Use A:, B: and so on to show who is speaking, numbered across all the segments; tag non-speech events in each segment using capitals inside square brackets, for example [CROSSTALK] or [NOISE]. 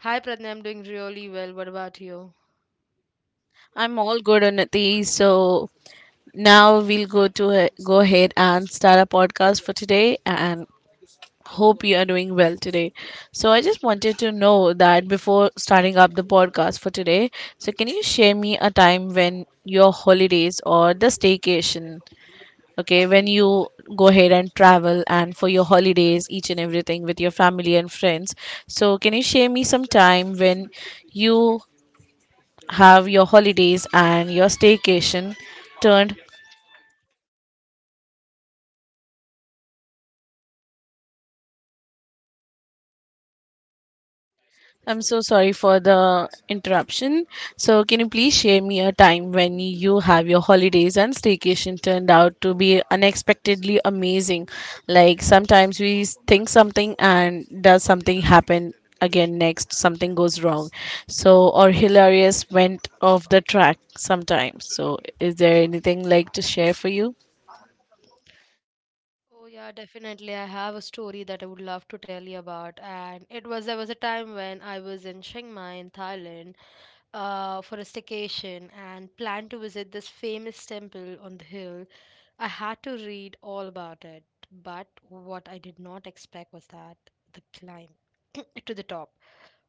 A: Hi Pradna, I'm doing really well. What about you?
B: I'm all good, Anadi. So, now we'll go ahead and start a podcast for today and hope you are doing well today. So, I just wanted to know that before starting up the podcast for today, so can you share me a time when your holidays or the staycation? Okay, when you go ahead and travel and for your holidays each and everything with your family and friends, so can you share me some time when you have your holidays and your staycation turned. I'm so sorry for the interruption. So, can you please share me a time when you have your holidays and staycation turned out to be unexpectedly amazing? Like sometimes we think something and does something happen again next, something goes wrong. So, or hilarious went off the track sometimes. So, is there anything like to share for you?
A: Oh yeah, definitely. I have a story that I would love to tell you about. And it was there was a time when I was in Chiang Mai in Thailand for a staycation and planned to visit this famous temple on the hill. I had to read all about it, but what I did not expect was that the climb [CLEARS THROAT] to the top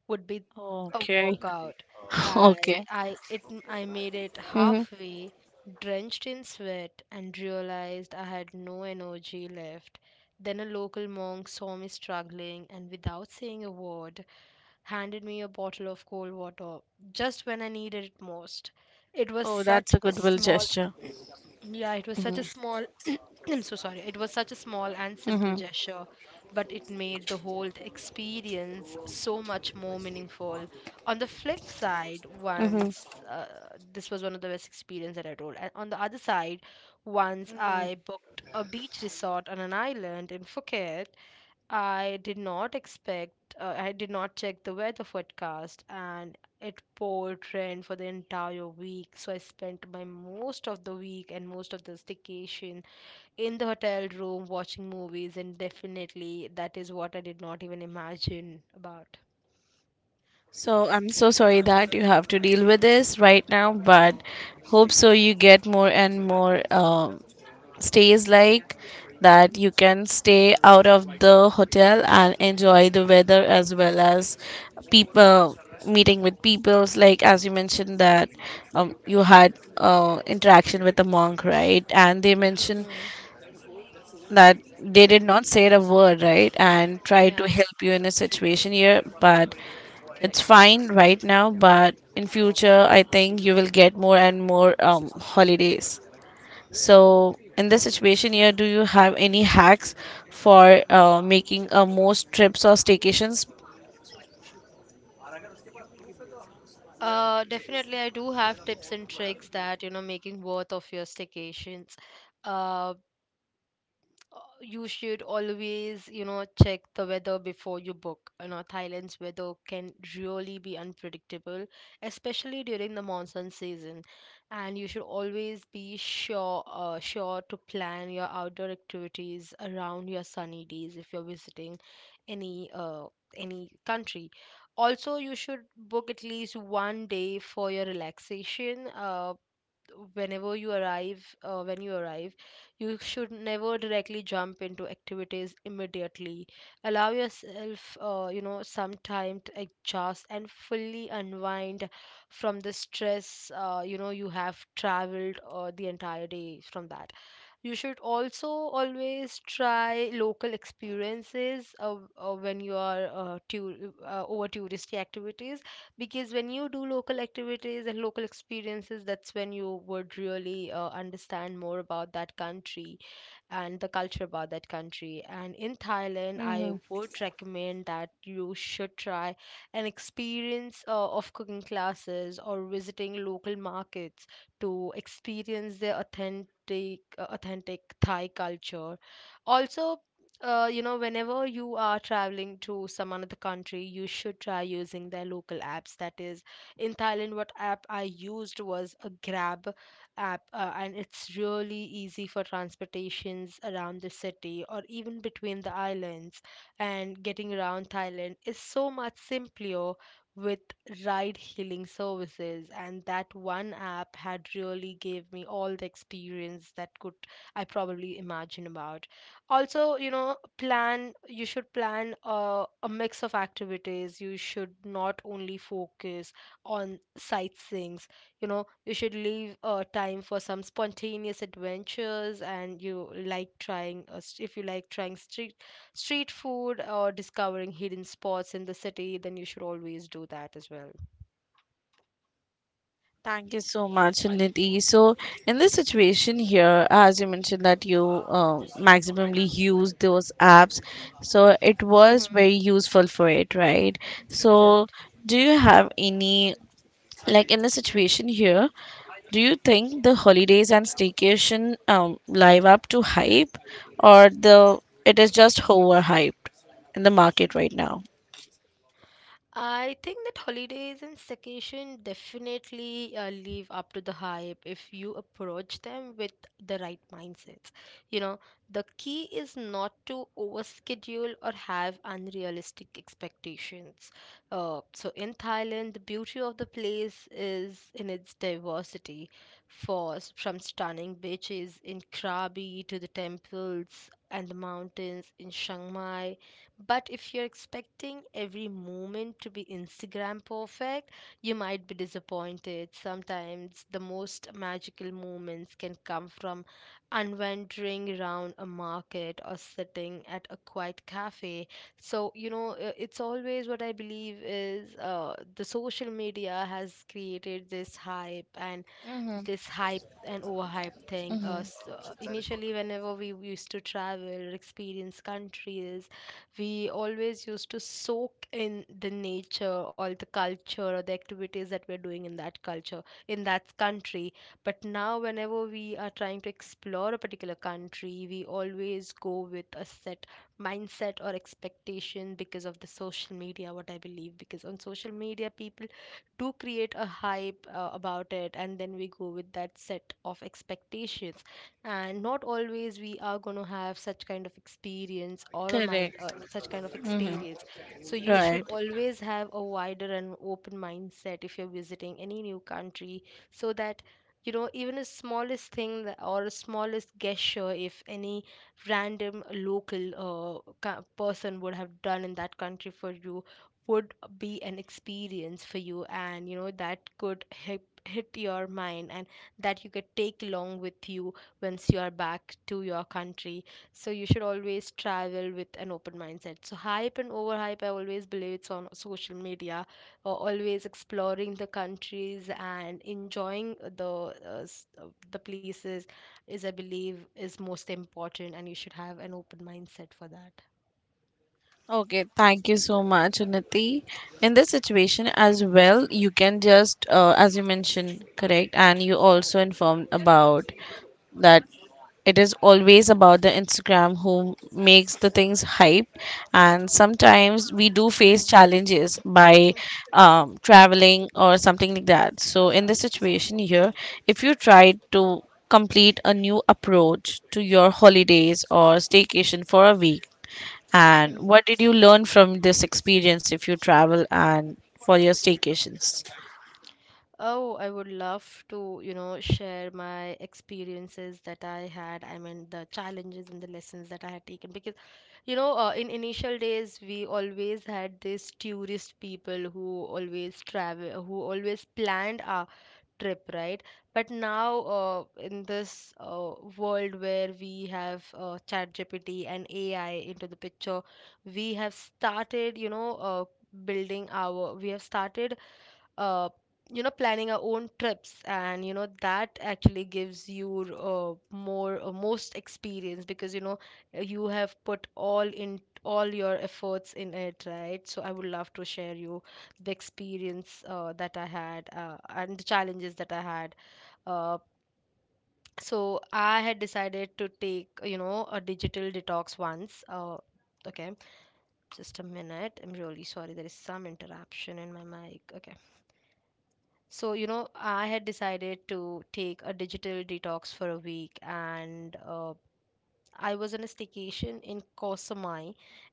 A: would be a
B: Okay.
A: workout.
B: [LAUGHS]
A: I
B: Okay.
A: I it I made it
B: Hmm.
A: halfway, drenched in sweat, and realized I had no energy left. Then a local monk saw me struggling and, without saying a word, handed me a bottle of cold water just when I needed it most. It was
B: Oh,
A: such
B: that's a
A: a
B: goodwill
A: small
B: gesture.
A: [CLEARS THROAT] yeah, it was such a small [CLEARS THROAT] I'm so sorry. It was such a small and simple
B: Hmm.
A: gesture, but it made the whole experience so much more meaningful. On the flip side,
B: Hmm.
A: once this was one of the best experience that I told. And on the other side, once I booked a beach resort on an island in Phuket, I did not expect, I did not check the weather forecast, and it poured rain for the entire week. So I spent my most of the week and most of the staycation in the hotel room watching movies, and definitely that is what I did not even imagine about.
B: So I'm so sorry that you have to deal with this right now, but hope so you get more and more stays like that you can stay out of the hotel and enjoy the weather as well as people, meeting with peoples like as you mentioned that you had interaction with a monk, right? And they mentioned
A: Mm-hmm.
B: that they did not say a word, right, and tried to
A: Yeah,
B: help you in a situation here, but it's
A: correct.
B: fine right now. But in future, I think you will get more and more holidays. So in this situation here, do you have any hacks for making most trips or staycations?
A: Definitely, I do have tips and tricks that you know making worth of your staycations. Uh. You should always, you know, check the weather before you book. You know, Thailand's weather can really be unpredictable, especially during the monsoon season. And you should always be sure, sure to plan your outdoor activities around your sunny days if you're visiting any, uh, any country. Also, you should book at least one day for your relaxation. When you arrive you should never directly jump into activities immediately. Allow yourself, you know, some time to adjust and fully unwind from the stress, you know, you have traveled the entire day from that. You should also always try local experiences when you are over touristy activities, because when you do local activities and local experiences that's when you would really understand more about that country and the culture about that country. And in Thailand, I
B: Hmm.
A: would recommend that you should try an experience of cooking classes or visiting local markets to experience the authentic authentic Thai culture. Also, you know, whenever you are traveling to some another country, you should try using their local apps. That is, in Thailand, what app I used was a Grab app, and it's really easy for transportations around the city or even between the islands, and getting around Thailand is so much simpler with ride hailing services, and that one app had really gave me all the experience that could I probably imagine about. Also, you know, plan you should plan a mix of activities. You should not only focus on sightseeing. You know, you should leave time for some spontaneous adventures, and you like trying if you like trying street food or discovering hidden spots in the city, then you should always do that as well.
B: Thank you so much, Nidhi. So, in this situation here, as you mentioned that you uh, maximally use those apps, so it was
A: Hmm.
B: very useful for it, right? So,
A: Correct.
B: do you have any, like in the situation here? Do you think the holidays and staycation live up to hype, or the it is just overhyped in the market right now?
A: I think that holidays and staycation definitely live up to the hype if you approach them with the right mindset. You know, the key is not to overschedule or have unrealistic expectations. So in Thailand, the beauty of the place is in its diversity, for from stunning beaches in Krabi to the temples and the mountains in Chiang Mai. But if you're expecting every moment to be Instagram perfect, you might be disappointed. Sometimes the most magical moments can come from unwandering around a market or sitting at a quiet cafe. So, you know, it's always what I believe is the social media has created this hype and
B: Mm-hmm.
A: overhype thing. So initially, whenever we used to travel, experience countries, we always used to soak in the nature or the culture or the activities that we're doing in that culture, in that country. But now, whenever we are trying to explore a particular country, we always go with a set mindset or expectation because of the social media, what I believe. Because on social media, people do create a hype about it, and then we go with that set of expectations, and not always we are going to have such kind of experience or a mind
B: Correct.
A: such kind of experience. So you should
B: Right.
A: always have a wider and open mindset if you're visiting any new country, so that, you know, even a smallest thing that, or a smallest gesture if any random local person would have done in that country for you would be an experience for you, and you know that could hit your mind, and that you could take along with you once you are back to your country. So you should always travel with an open mindset. So hype and overhype, I always believe it's on social media, or always exploring the countries and enjoying the the places is, I believe, is most important, and you should have an open mindset for that.
B: Okay. Thank you so much, Unnati. In this situation as well, you can just, as you mentioned, correct, and you also informed about that it is always about the Instagram who makes the things hype. And sometimes we do face challenges by traveling or something like that. So, in this situation here, if you try to complete a new approach to your holidays or staycation for a week,
A: [LAUGHS]
B: and
A: Hmm.
B: what did you learn from this experience if you travel and for your staycations?
A: Oh, I would love to, you know, share my experiences that I had. I mean, the challenges and the lessons that I had taken. Because, you know, in initial days, we always had these tourist people who always travel, who always planned our trip, right? But now, in this world where we have chat and AI into the picture, we have started, you know, building our we have started, uh, you know, planning our own trips, and you know that actually gives you more most experience, because you know you have put all in all your efforts in it, right? So I would love to share you the experience that I had and the challenges that I had. Uh, so I had decided to take, you know, a digital detox once. Okay, just a minute. I'm really sorry. There is some interruption in my mic. Okay. So, you know, I had decided to take a digital detox for a week, and I was on a staycation in Koh Samui,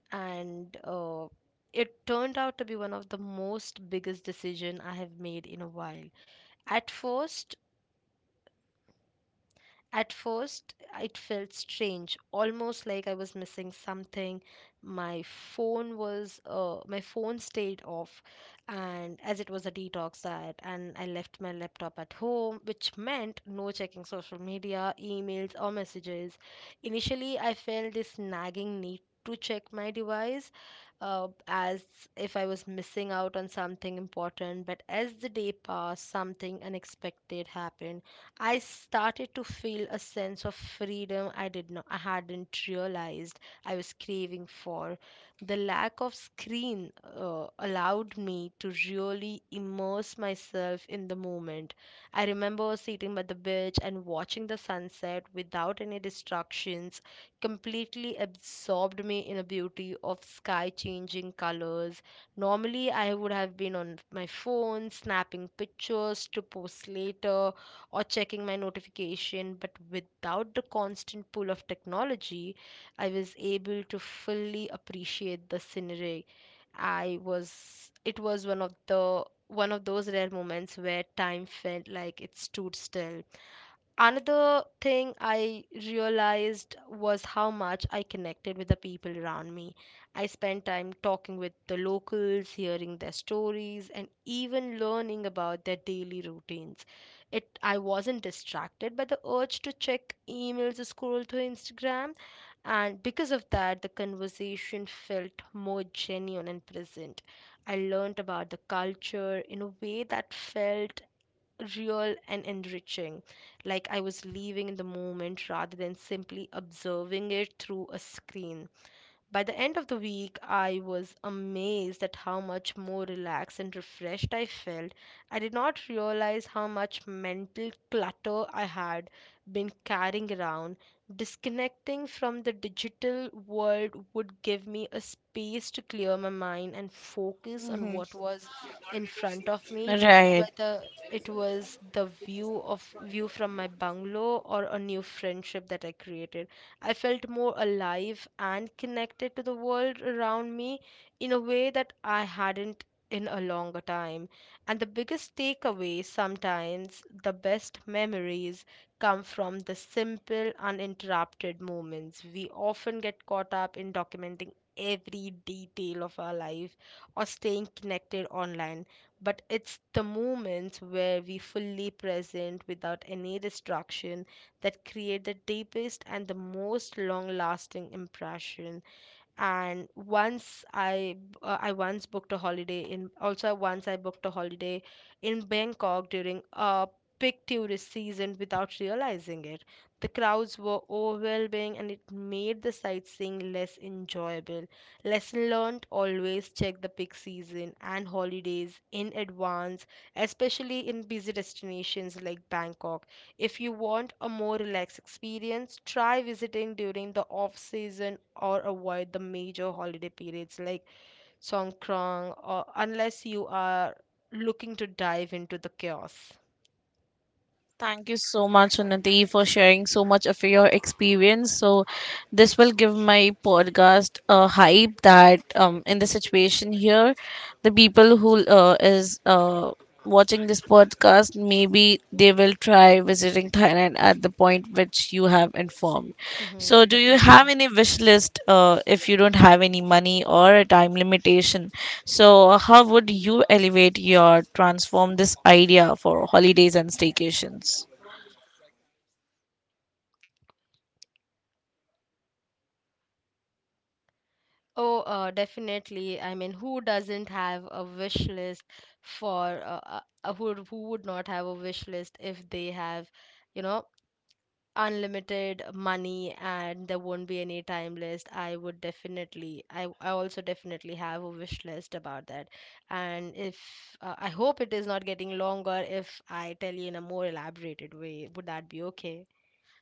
A: and it turned out to be one of the most biggest decision I have made in a while. At first, at first, it felt strange, almost like I was missing something. My phone stayed off, and as it was a detox diet, and I left my laptop at home, which meant no checking social media, emails, or messages. Initially, I felt this nagging need to check my device, as if I was missing out on something important. But as the day passed, something unexpected happened. I started to feel a sense of freedom I did not I hadn't realized I was craving for. The lack of screen allowed me to really immerse myself in the moment. I remember sitting by the beach and watching the sunset without any distractions, completely absorbed me in the beauty of sky changing colors. Normally I would have been on my phone snapping pictures to post later or checking my notification, but without the constant pull of technology I was able to fully appreciate the scenery. I was it was one of the one of those rare moments where time felt like it stood still. Another thing I realized was how much I connected with the people around me. I spent time talking with the locals, hearing their stories, and even learning about their daily routines. It I wasn't distracted by the urge to check emails or scroll through Instagram. And because of that, the conversation felt more genuine and present. I learned about the culture in a way that felt real and enriching, like I was living in the moment rather than simply observing it through a screen. By the end of the week, I was amazed at how much more relaxed and refreshed I felt. I did not realize how much mental clutter I had been carrying around. Disconnecting from the digital world would give me a space to clear my mind and focus on
B: Hmm.
A: what was in front of me,
B: Right.
A: whether it was the view from my bungalow or a new friendship that I created. I felt more alive and connected to the world around me in a way that I hadn't in a longer time. And the biggest takeaway, sometimes the best memories come from the simple, uninterrupted moments. We often get caught up in documenting every detail of our life or staying connected online, but it's the moments where we fully present without any distraction that create the deepest and the most long-lasting impression. And once I once booked a holiday in also Once I booked a holiday in Bangkok during a peak tourist season without realizing it. The crowds were overwhelming and it made the sightseeing less enjoyable. Lesson learned, always check the peak season and holidays in advance, especially in busy destinations like Bangkok. If you want a more relaxed experience, try visiting during the off season or avoid the major holiday periods like Songkrang, or unless you are looking to dive into the chaos.
B: Thank you so much, Unnati, for sharing so much of your experience. So, this will give my podcast a hype that in the situation here, the people who is watching this podcast, maybe they will try by visiting Thailand at the point which you have informed. So,
A: Mm-hmm,
B: do you have
A: definitely.
B: any wish list if you don't have any money or a time limitation? So, how would you elevate your transform this idea for holidays and staycations?
A: Oh, definitely. I mean, who doesn't have a wish list for who would not have a wish list if they have, you know, unlimited money and there won't be any time list. I also definitely have a wish list about that. And if I hope it is not getting longer, if I tell you in a more elaborated way, would that be okay?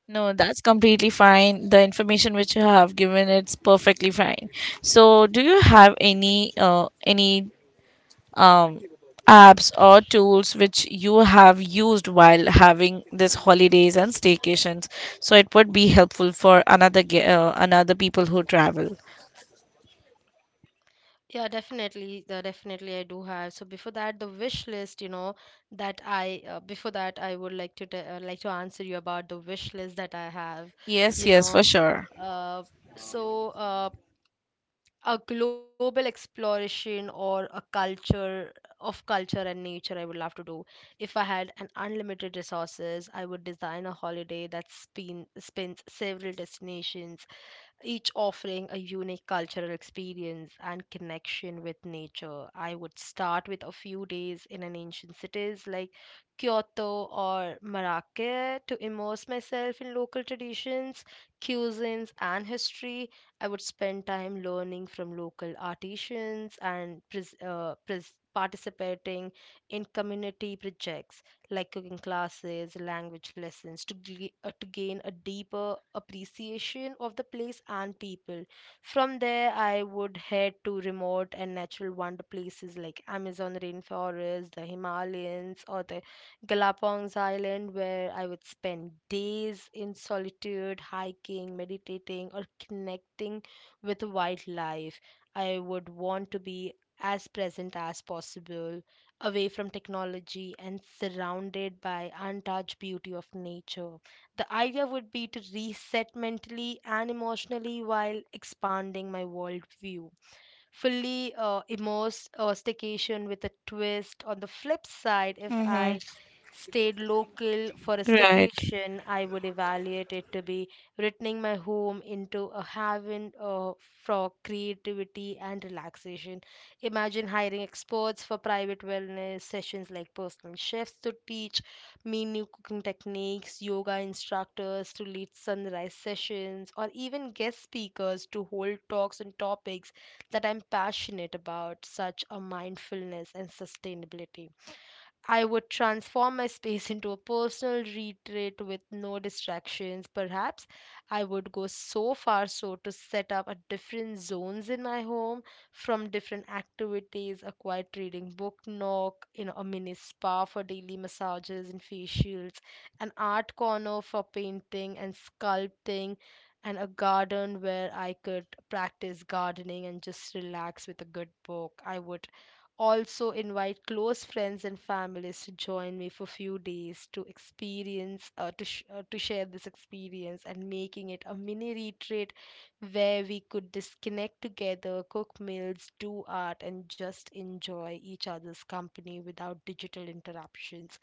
B: No, that's completely fine. The information which you have given, it's perfectly fine. So, do you have any uh, any um, apps or
A: Sh-
B: tools which you have used while having this holidays and staycations, so it would be helpful for another people who travel?
A: yeah, definitely. Definitely I do have. So before that, the wish list, you know, that I before that I would like to like to answer you about the wish list that I have.
B: Yes,
A: You
B: yes, for
A: know,
B: sure.
A: uh, so uh, a global exploration or a culture of culture and nature I would love to do. If I had an unlimited resources, I would design a holiday that spins several destinations, each offering a unique cultural experience and connection with nature. I would start with a few days in an ancient cities like Kyoto or Marrakech to immerse myself in local traditions, cuisines, and history. I would spend time learning from local artisans and participating in community projects like cooking classes, language lessons, to gain a deeper appreciation of the place and people. From there, I would head to remote and natural wonder places like Amazon rainforest, the Himalayas, or the Galapagos Island, where I would spend days in solitude, hiking, meditating, or connecting with wildlife. I would want to be as present as possible, away from technology and surrounded by untouched beauty of nature. The idea would be to reset mentally and emotionally while expanding my worldview. Fully immersed staycation with a twist. On the flip side, if
B: Mm-hmm.
A: I stayed local for a
B: Right.
A: staycation, I would evaluate it to be returning my home into a haven for creativity and relaxation. Imagine hiring experts for private wellness sessions, like personal chefs to teach me new cooking techniques, yoga instructors to lead sunrise sessions, or even guest speakers to hold talks on topics that I'm passionate about, such as mindfulness and sustainability. I would transform my space into a personal retreat with no distractions. Perhaps I would go so far so to set up a different zones in my home from different activities: a quiet reading book nook, you know, a mini spa for daily massages and facials, an art corner for painting and sculpting, and a garden where I could practice gardening and just relax with a good book. I would also invite close friends and families to join me for few days to experience to share this experience and making it a mini retreat, where we could disconnect together, cook meals, do art, and just enjoy each other's company without digital interruptions.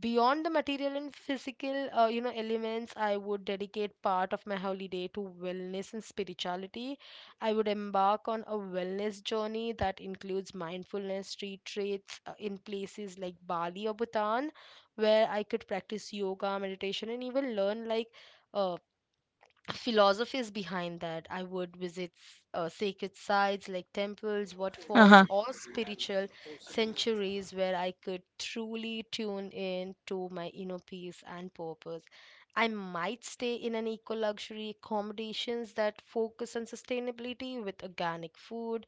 A: Beyond the material and physical you know elements, I would dedicate part of my holiday to wellness and spirituality. I would embark on a wellness journey that includes mindfulness retreats in places like Bali or Bhutan, where I could practice yoga, meditation, and even learn like uh, philosophies behind that. I would visit sacred sites like temples, waterfalls,
B: Uh-huh.
A: or spiritual sanctuaries where I could truly tune in to my inner peace and purpose. I might stay in an eco luxury accommodations that focus on sustainability, with organic food,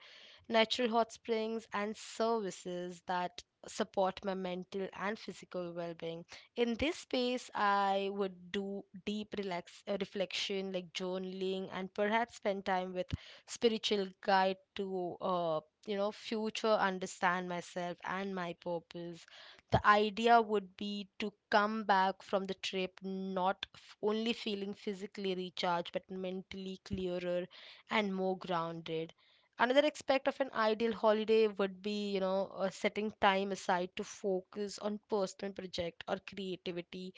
A: natural hot springs, and services that support my mental and physical well being. In this space, I would do deep reflection, like journaling, and perhaps spend time with spiritual guide to, you know, future understand myself and my purpose. The idea would be to come back from the trip not only feeling physically recharged, but mentally clearer and more grounded. Another aspect of an ideal holiday would be, you know, setting time aside to focus on personal project or creativity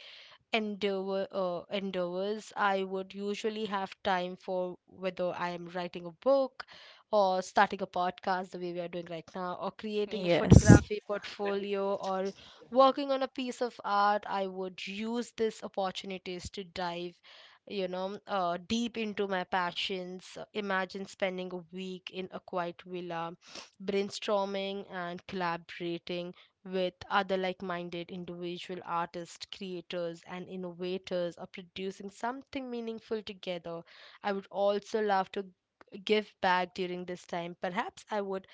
A: endeavors I would usually have time for, whether I am writing a book or starting a podcast the way we are doing right now, or creating a
B: Yes.
A: photography portfolio or working on a piece of art. I would use these opportunities to dive, you know, deep into my passions. Imagine spending a week in a quiet villa, brainstorming and collaborating with other like minded individual artists, creators, and innovators are producing something meaningful together. I would also love to give back during this time. Perhaps I would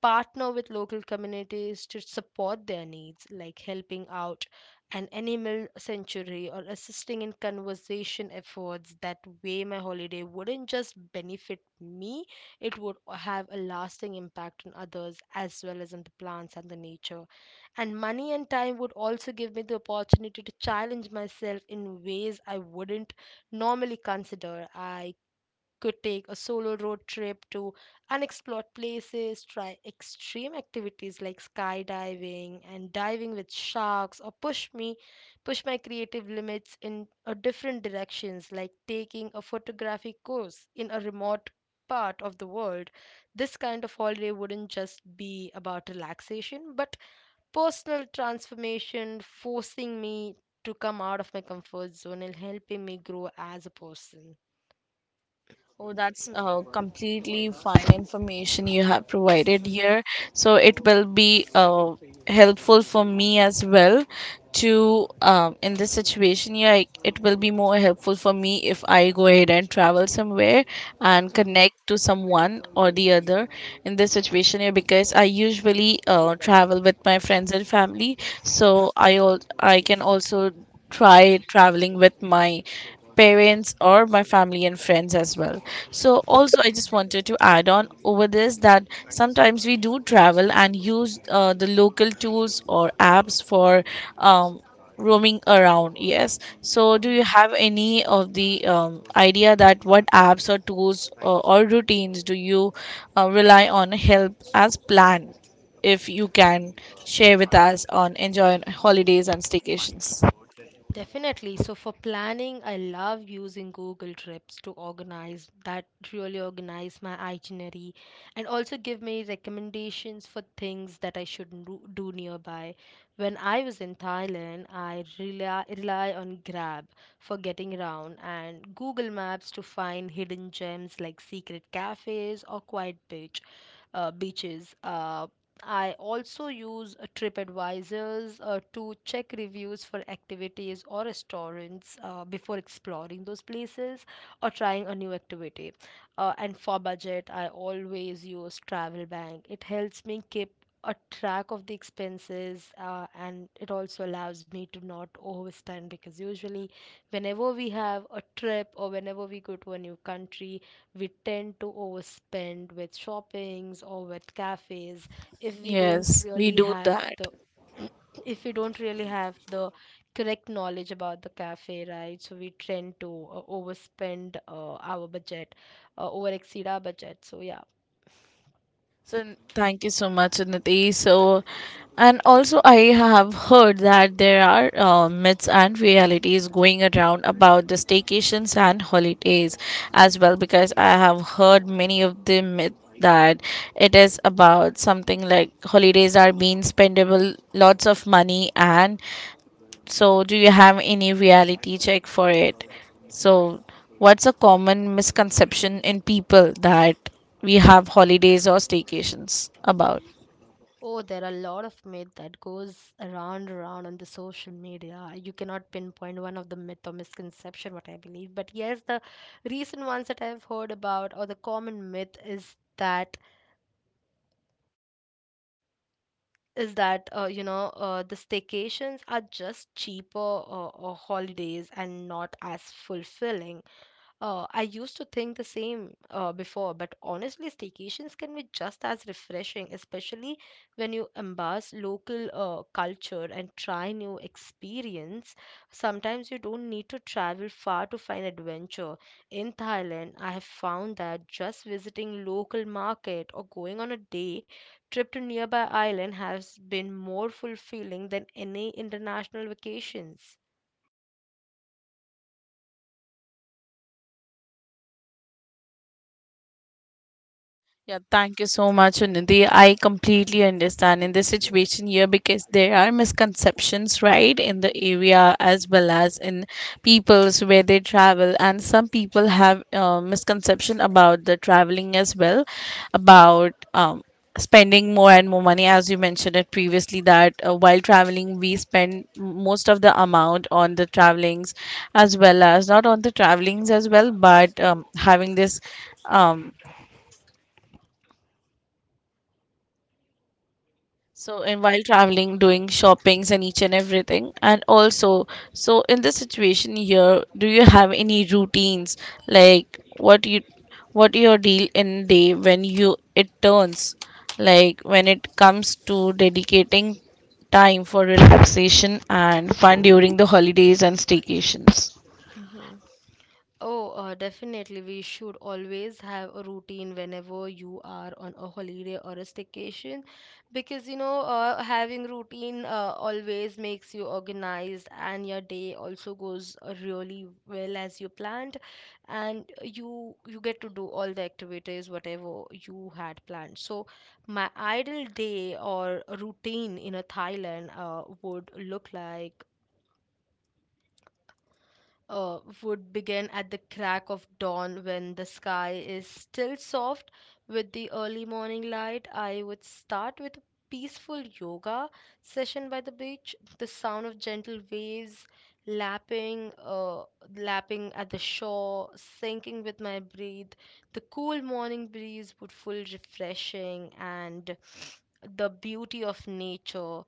A: partner with local communities to support their needs, like helping out an animal sanctuary or assisting in conservation efforts. That way, my holiday wouldn't just benefit me, it would have a lasting impact on others as well as on the plants and the nature. And money and time would also give me the opportunity to challenge myself in ways I wouldn't normally consider. I could take a solo road trip to unexplored places, try extreme activities like skydiving and diving with sharks, or push my creative limits in a different directions, like taking a photography course in a remote part of the world. This kind of holiday wouldn't just be about relaxation, but personal transformation, forcing me to come out of my comfort zone and helping me grow as a person.
B: Oh, that's
A: [CLEARS THROAT]
B: completely fine information you have provided
A: Mhm,
B: here. So it will be helpful for me as well to in this situation here, it will be more helpful for me if I go ahead and travel somewhere and
A: mhm.
B: connect to someone or the other, in this situation here, because I usually travel with my friends and family. So I can also try traveling with my parents or my family and friends as well. So also, I just wanted to add on over this that sometimes we do travel and use the local tools or apps for um, roaming around. Yes, so do you
A: Mhm.
B: have any of the idea that what apps or tools or routines do you rely on help as plan, if you can share with
A: Uh,
B: us on enjoying holidays and staycations?
A: Definitely. So for planning, I love using Google Trips to organize that, really organize my itinerary and also give me recommendations for things that I should do nearby. When I was in Thailand, I rely on Grab for getting around and Google Maps to find hidden gems like secret cafes or quiet beach beaches. I also use TripAdvisors to check reviews for activities or restaurants before exploring those places or trying a new activity. And for budget, I always use Travel Bank. It helps me keep a track of the expenses and it also allows me to not overspend, because usually whenever we have a trip or whenever we go to a new country, we tend to overspend with shoppings or with cafes if we don't
B: Yes, we
A: really
B: do
A: have
B: that.
A: the [CLEARS THROAT] if we don't really have the correct knowledge about the cafe, right? So we tend to overspend our budget, over exceed our budget. So yeah,
B: So thank you so much, Niti. So, and also I have heard that there are myths and realities going around about the staycations and holidays as well, because I have heard many of the myths that it is about something like holidays are being spendable lots of money. And so, do you have any reality check for it? So, what's a common misconception in people that we have holidays or staycations about?
A: oh there are a lot of myth that goes around on the social media. You cannot pinpoint one of the myth or misconception what I believe, but yes, the recent ones that I've heard about or the common myth is that you know the staycations are just cheaper holidays and not as fulfilling. I used to think the same before, but honestly, staycations can be just as refreshing, especially when you embrace local culture and try new experience. Sometimes you don't need to travel far to find adventure. In Thailand, I have found that just visiting local market or going on a day trip to nearby island has been more fulfilling than any international vacations.
B: Yeah, thank you so much, Nidhi. I completely understand in this situation here because there are misconceptions, right, in the area as well as in peoples where they travel, and some people have misconception about the traveling as well, about spending more and more money, as you mentioned it previously that while traveling we spend most of the amount on the travelings as well as not on the travelings as well, but having this um, so, in while traveling, doing shoppings and each and everything, and also, so in this situation here, do you have any routines like what you, what your deal in day when you it turns, like when it comes to dedicating time for relaxation and fun during the holidays and staycations?
A: Mhm. Oh, definitely. We should always have a routine whenever you are on a holiday or a staycation, because you know, having routine always makes you organized and your day also goes really well as you planned, and you get to do all the activities whatever you had planned. So my ideal day or routine in a Thailand would look like would begin at the crack of dawn when the sky is still soft with the early morning light. I would start with a peaceful yoga session by the beach. The sound of gentle waves lapping, uh, lapping at the shore, sinking with my breath. The cool morning breeze would feel refreshing and the beauty of nature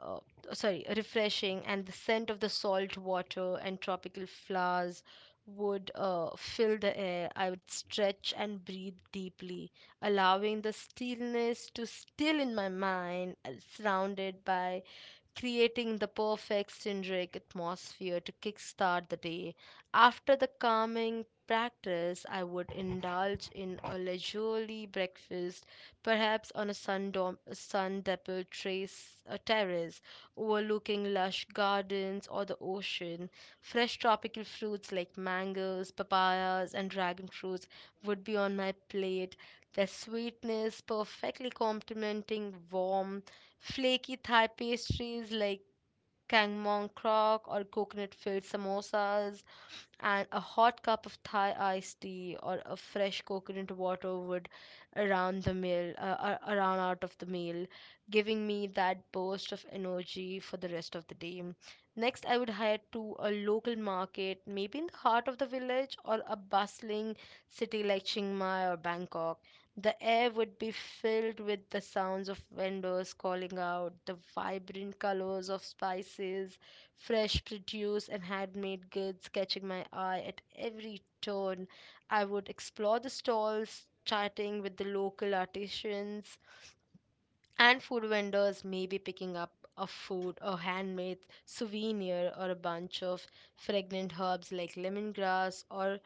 A: uh, sorry, refreshing, and the scent of the salt water and tropical flowers would fill the air. I would stretch and breathe deeply, allowing the stillness to still in my mind, surrounded by, creating the perfect synergic atmosphere to kickstart the day. After the calming practice, I would indulge in a leisurely breakfast, perhaps on a sun-dappled a terrace overlooking lush gardens or the ocean. Fresh tropical fruits like mangoes, papayas, and dragon fruits would be on my plate, their sweetness perfectly complementing warm Flaky Thai pastries like kangmong krok or coconut filled samosas, and a hot cup of Thai iced tea or a fresh coconut water would around the meal around out of the meal, giving me that burst of energy for the rest of the day. Next, I would head to a local market, maybe in the heart of the village or a bustling city like Chiang Mai or Bangkok. The air would be filled with the sounds of vendors calling out, the vibrant colors of spices, fresh produce, and handmade goods catching my eye at every turn. I would explore the stalls, chatting with the local artisans and food vendors, maybe picking up a food, a handmade souvenir, or a bunch of fragrant herbs like lemongrass or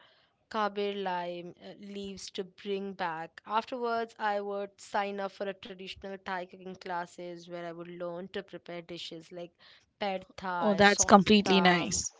A: kaber lime leaves to bring back. Afterwards, I would sign up for a traditional Thai cooking classes where I would learn to prepare dishes like pad
B: Oh,
A: thai,
B: that's
A: som
B: completely
A: tam,
B: nice.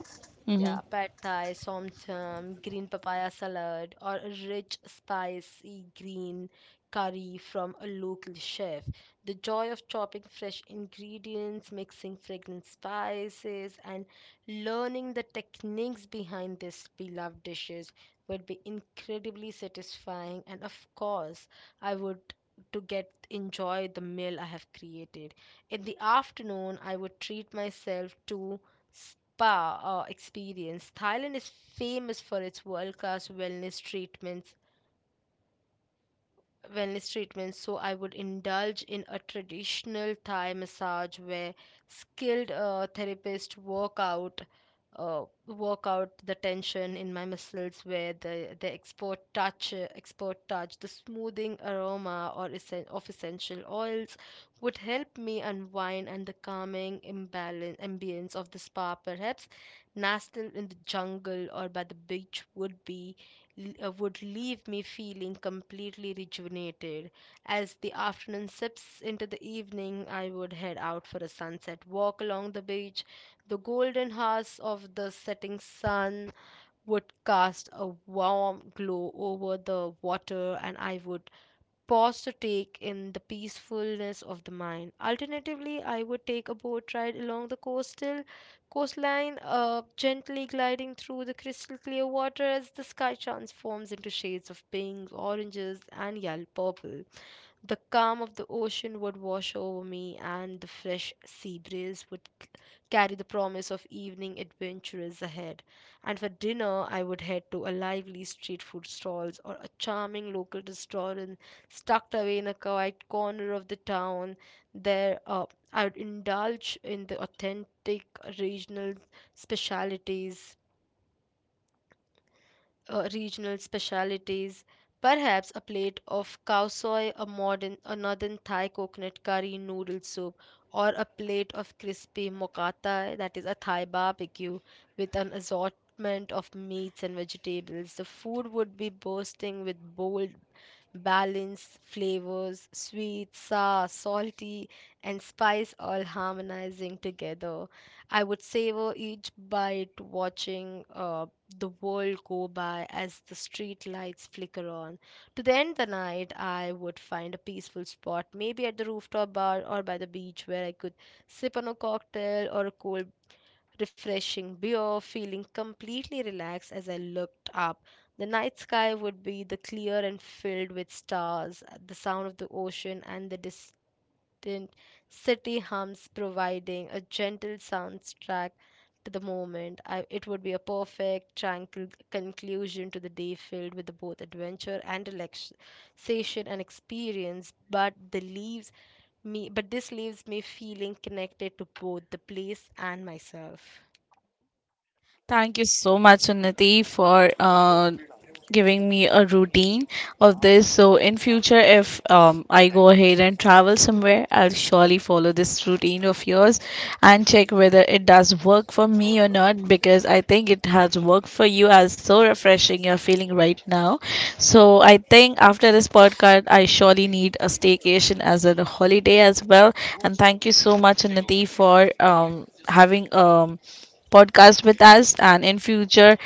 A: yeah,
B: Mm-hmm.
A: pad thai, som chum, green papaya salad, or a rich, spicy green curry from a local chef. The joy of chopping fresh ingredients, mixing fragrant spices, and learning the techniques behind these beloved dishes will be incredibly satisfying. And of course, I would to get enjoy the meal I have created. In the afternoon, I would treat myself to spa experience. Thailand is famous for its world class wellness treatments. So I would indulge in a traditional Thai massage where skilled therapists work out the tension in my muscles where the expert touch the smoothing aroma or essen- of essential oils would help me unwind and the calming imbalance ambience of the spa perhaps nestled in the jungle or by the beach would be would leave me feeling completely rejuvenated. As the afternoon sips into the evening, I would head out for a sunset walk along the beach. The golden hues of the setting sun would cast a warm glow over the water, and I would pause to take in the peacefulness of the mind. Alternatively, I would take a boat ride along the coastal coastline, gently gliding through the crystal clear water as the sky transforms into shades of pink, oranges, and yellow purple. The calm of the ocean would wash over me, and the fresh sea breeze would carry the promise of evening adventures ahead. And for dinner, I would head to a lively street food stalls or a charming local restaurant tucked away in a quiet corner of the town. There, uh, I would indulge in the authentic regional specialities regional specialities, perhaps a plate of cowsoy, a northern Thai coconut curry noodle soup, or a plate of crispy mokkata, that is a Thai barbecue with an assortment of meats and vegetables. The food would be bursting with bold, balanced flavors, sweet, sour, salty, and spice all harmonizing together. I would savor each bite, watching the world go by as the street lights flicker on. To the end the night, I would find a peaceful spot, maybe at the rooftop bar or by the beach, where I could sip on a cocktail or a cold, refreshing beer, feeling completely relaxed as I looked up. The night sky would be the clear and filled with stars, the sound of the ocean, and the distant city hums, providing a gentle soundtrack to the moment. It would be a perfect, tranquil conclusion to the day filled with both adventure and relaxation and experience. But the leaves me, but This leaves me feeling connected to both the place and myself.
B: Thank you so much, Unnati, for giving me a routine of this. So in future, if I go ahead and travel somewhere, I'll surely follow this routine of yours and check whether it does work for me or not. Because I think it has worked for you. As so refreshing you're feeling right now. So I think after this podcast, I surely need a staycation as a holiday as well. And thank you so much, Unnati, for having podcast with us. And in future,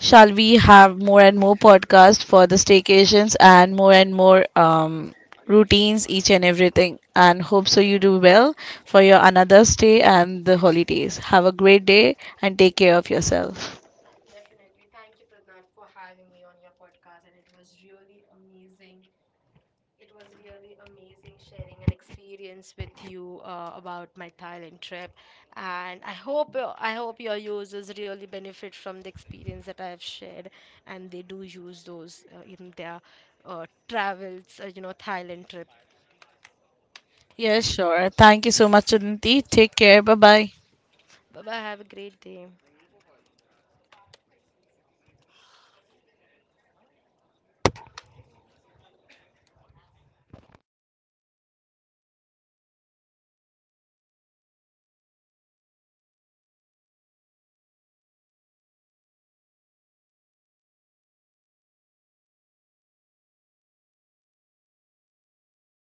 B: shall we have more and more podcasts for the staycations and more routines, each and everything. And hope so you do well for your another stay and the holidays. Have a great day and take care of yourself.
A: Definitely. Thank you, Pradnat, for having me on your podcast. And it was really amazing It was really amazing sharing an experience with you about my Thailand trip, and I hope your users really benefit from the experience that I have shared, and they do use those in their travels, you know, Thailand trip.
B: Yes, sure. Thank you so much, Aditi. Take care. Bye bye.
A: Bye bye. Have a great day.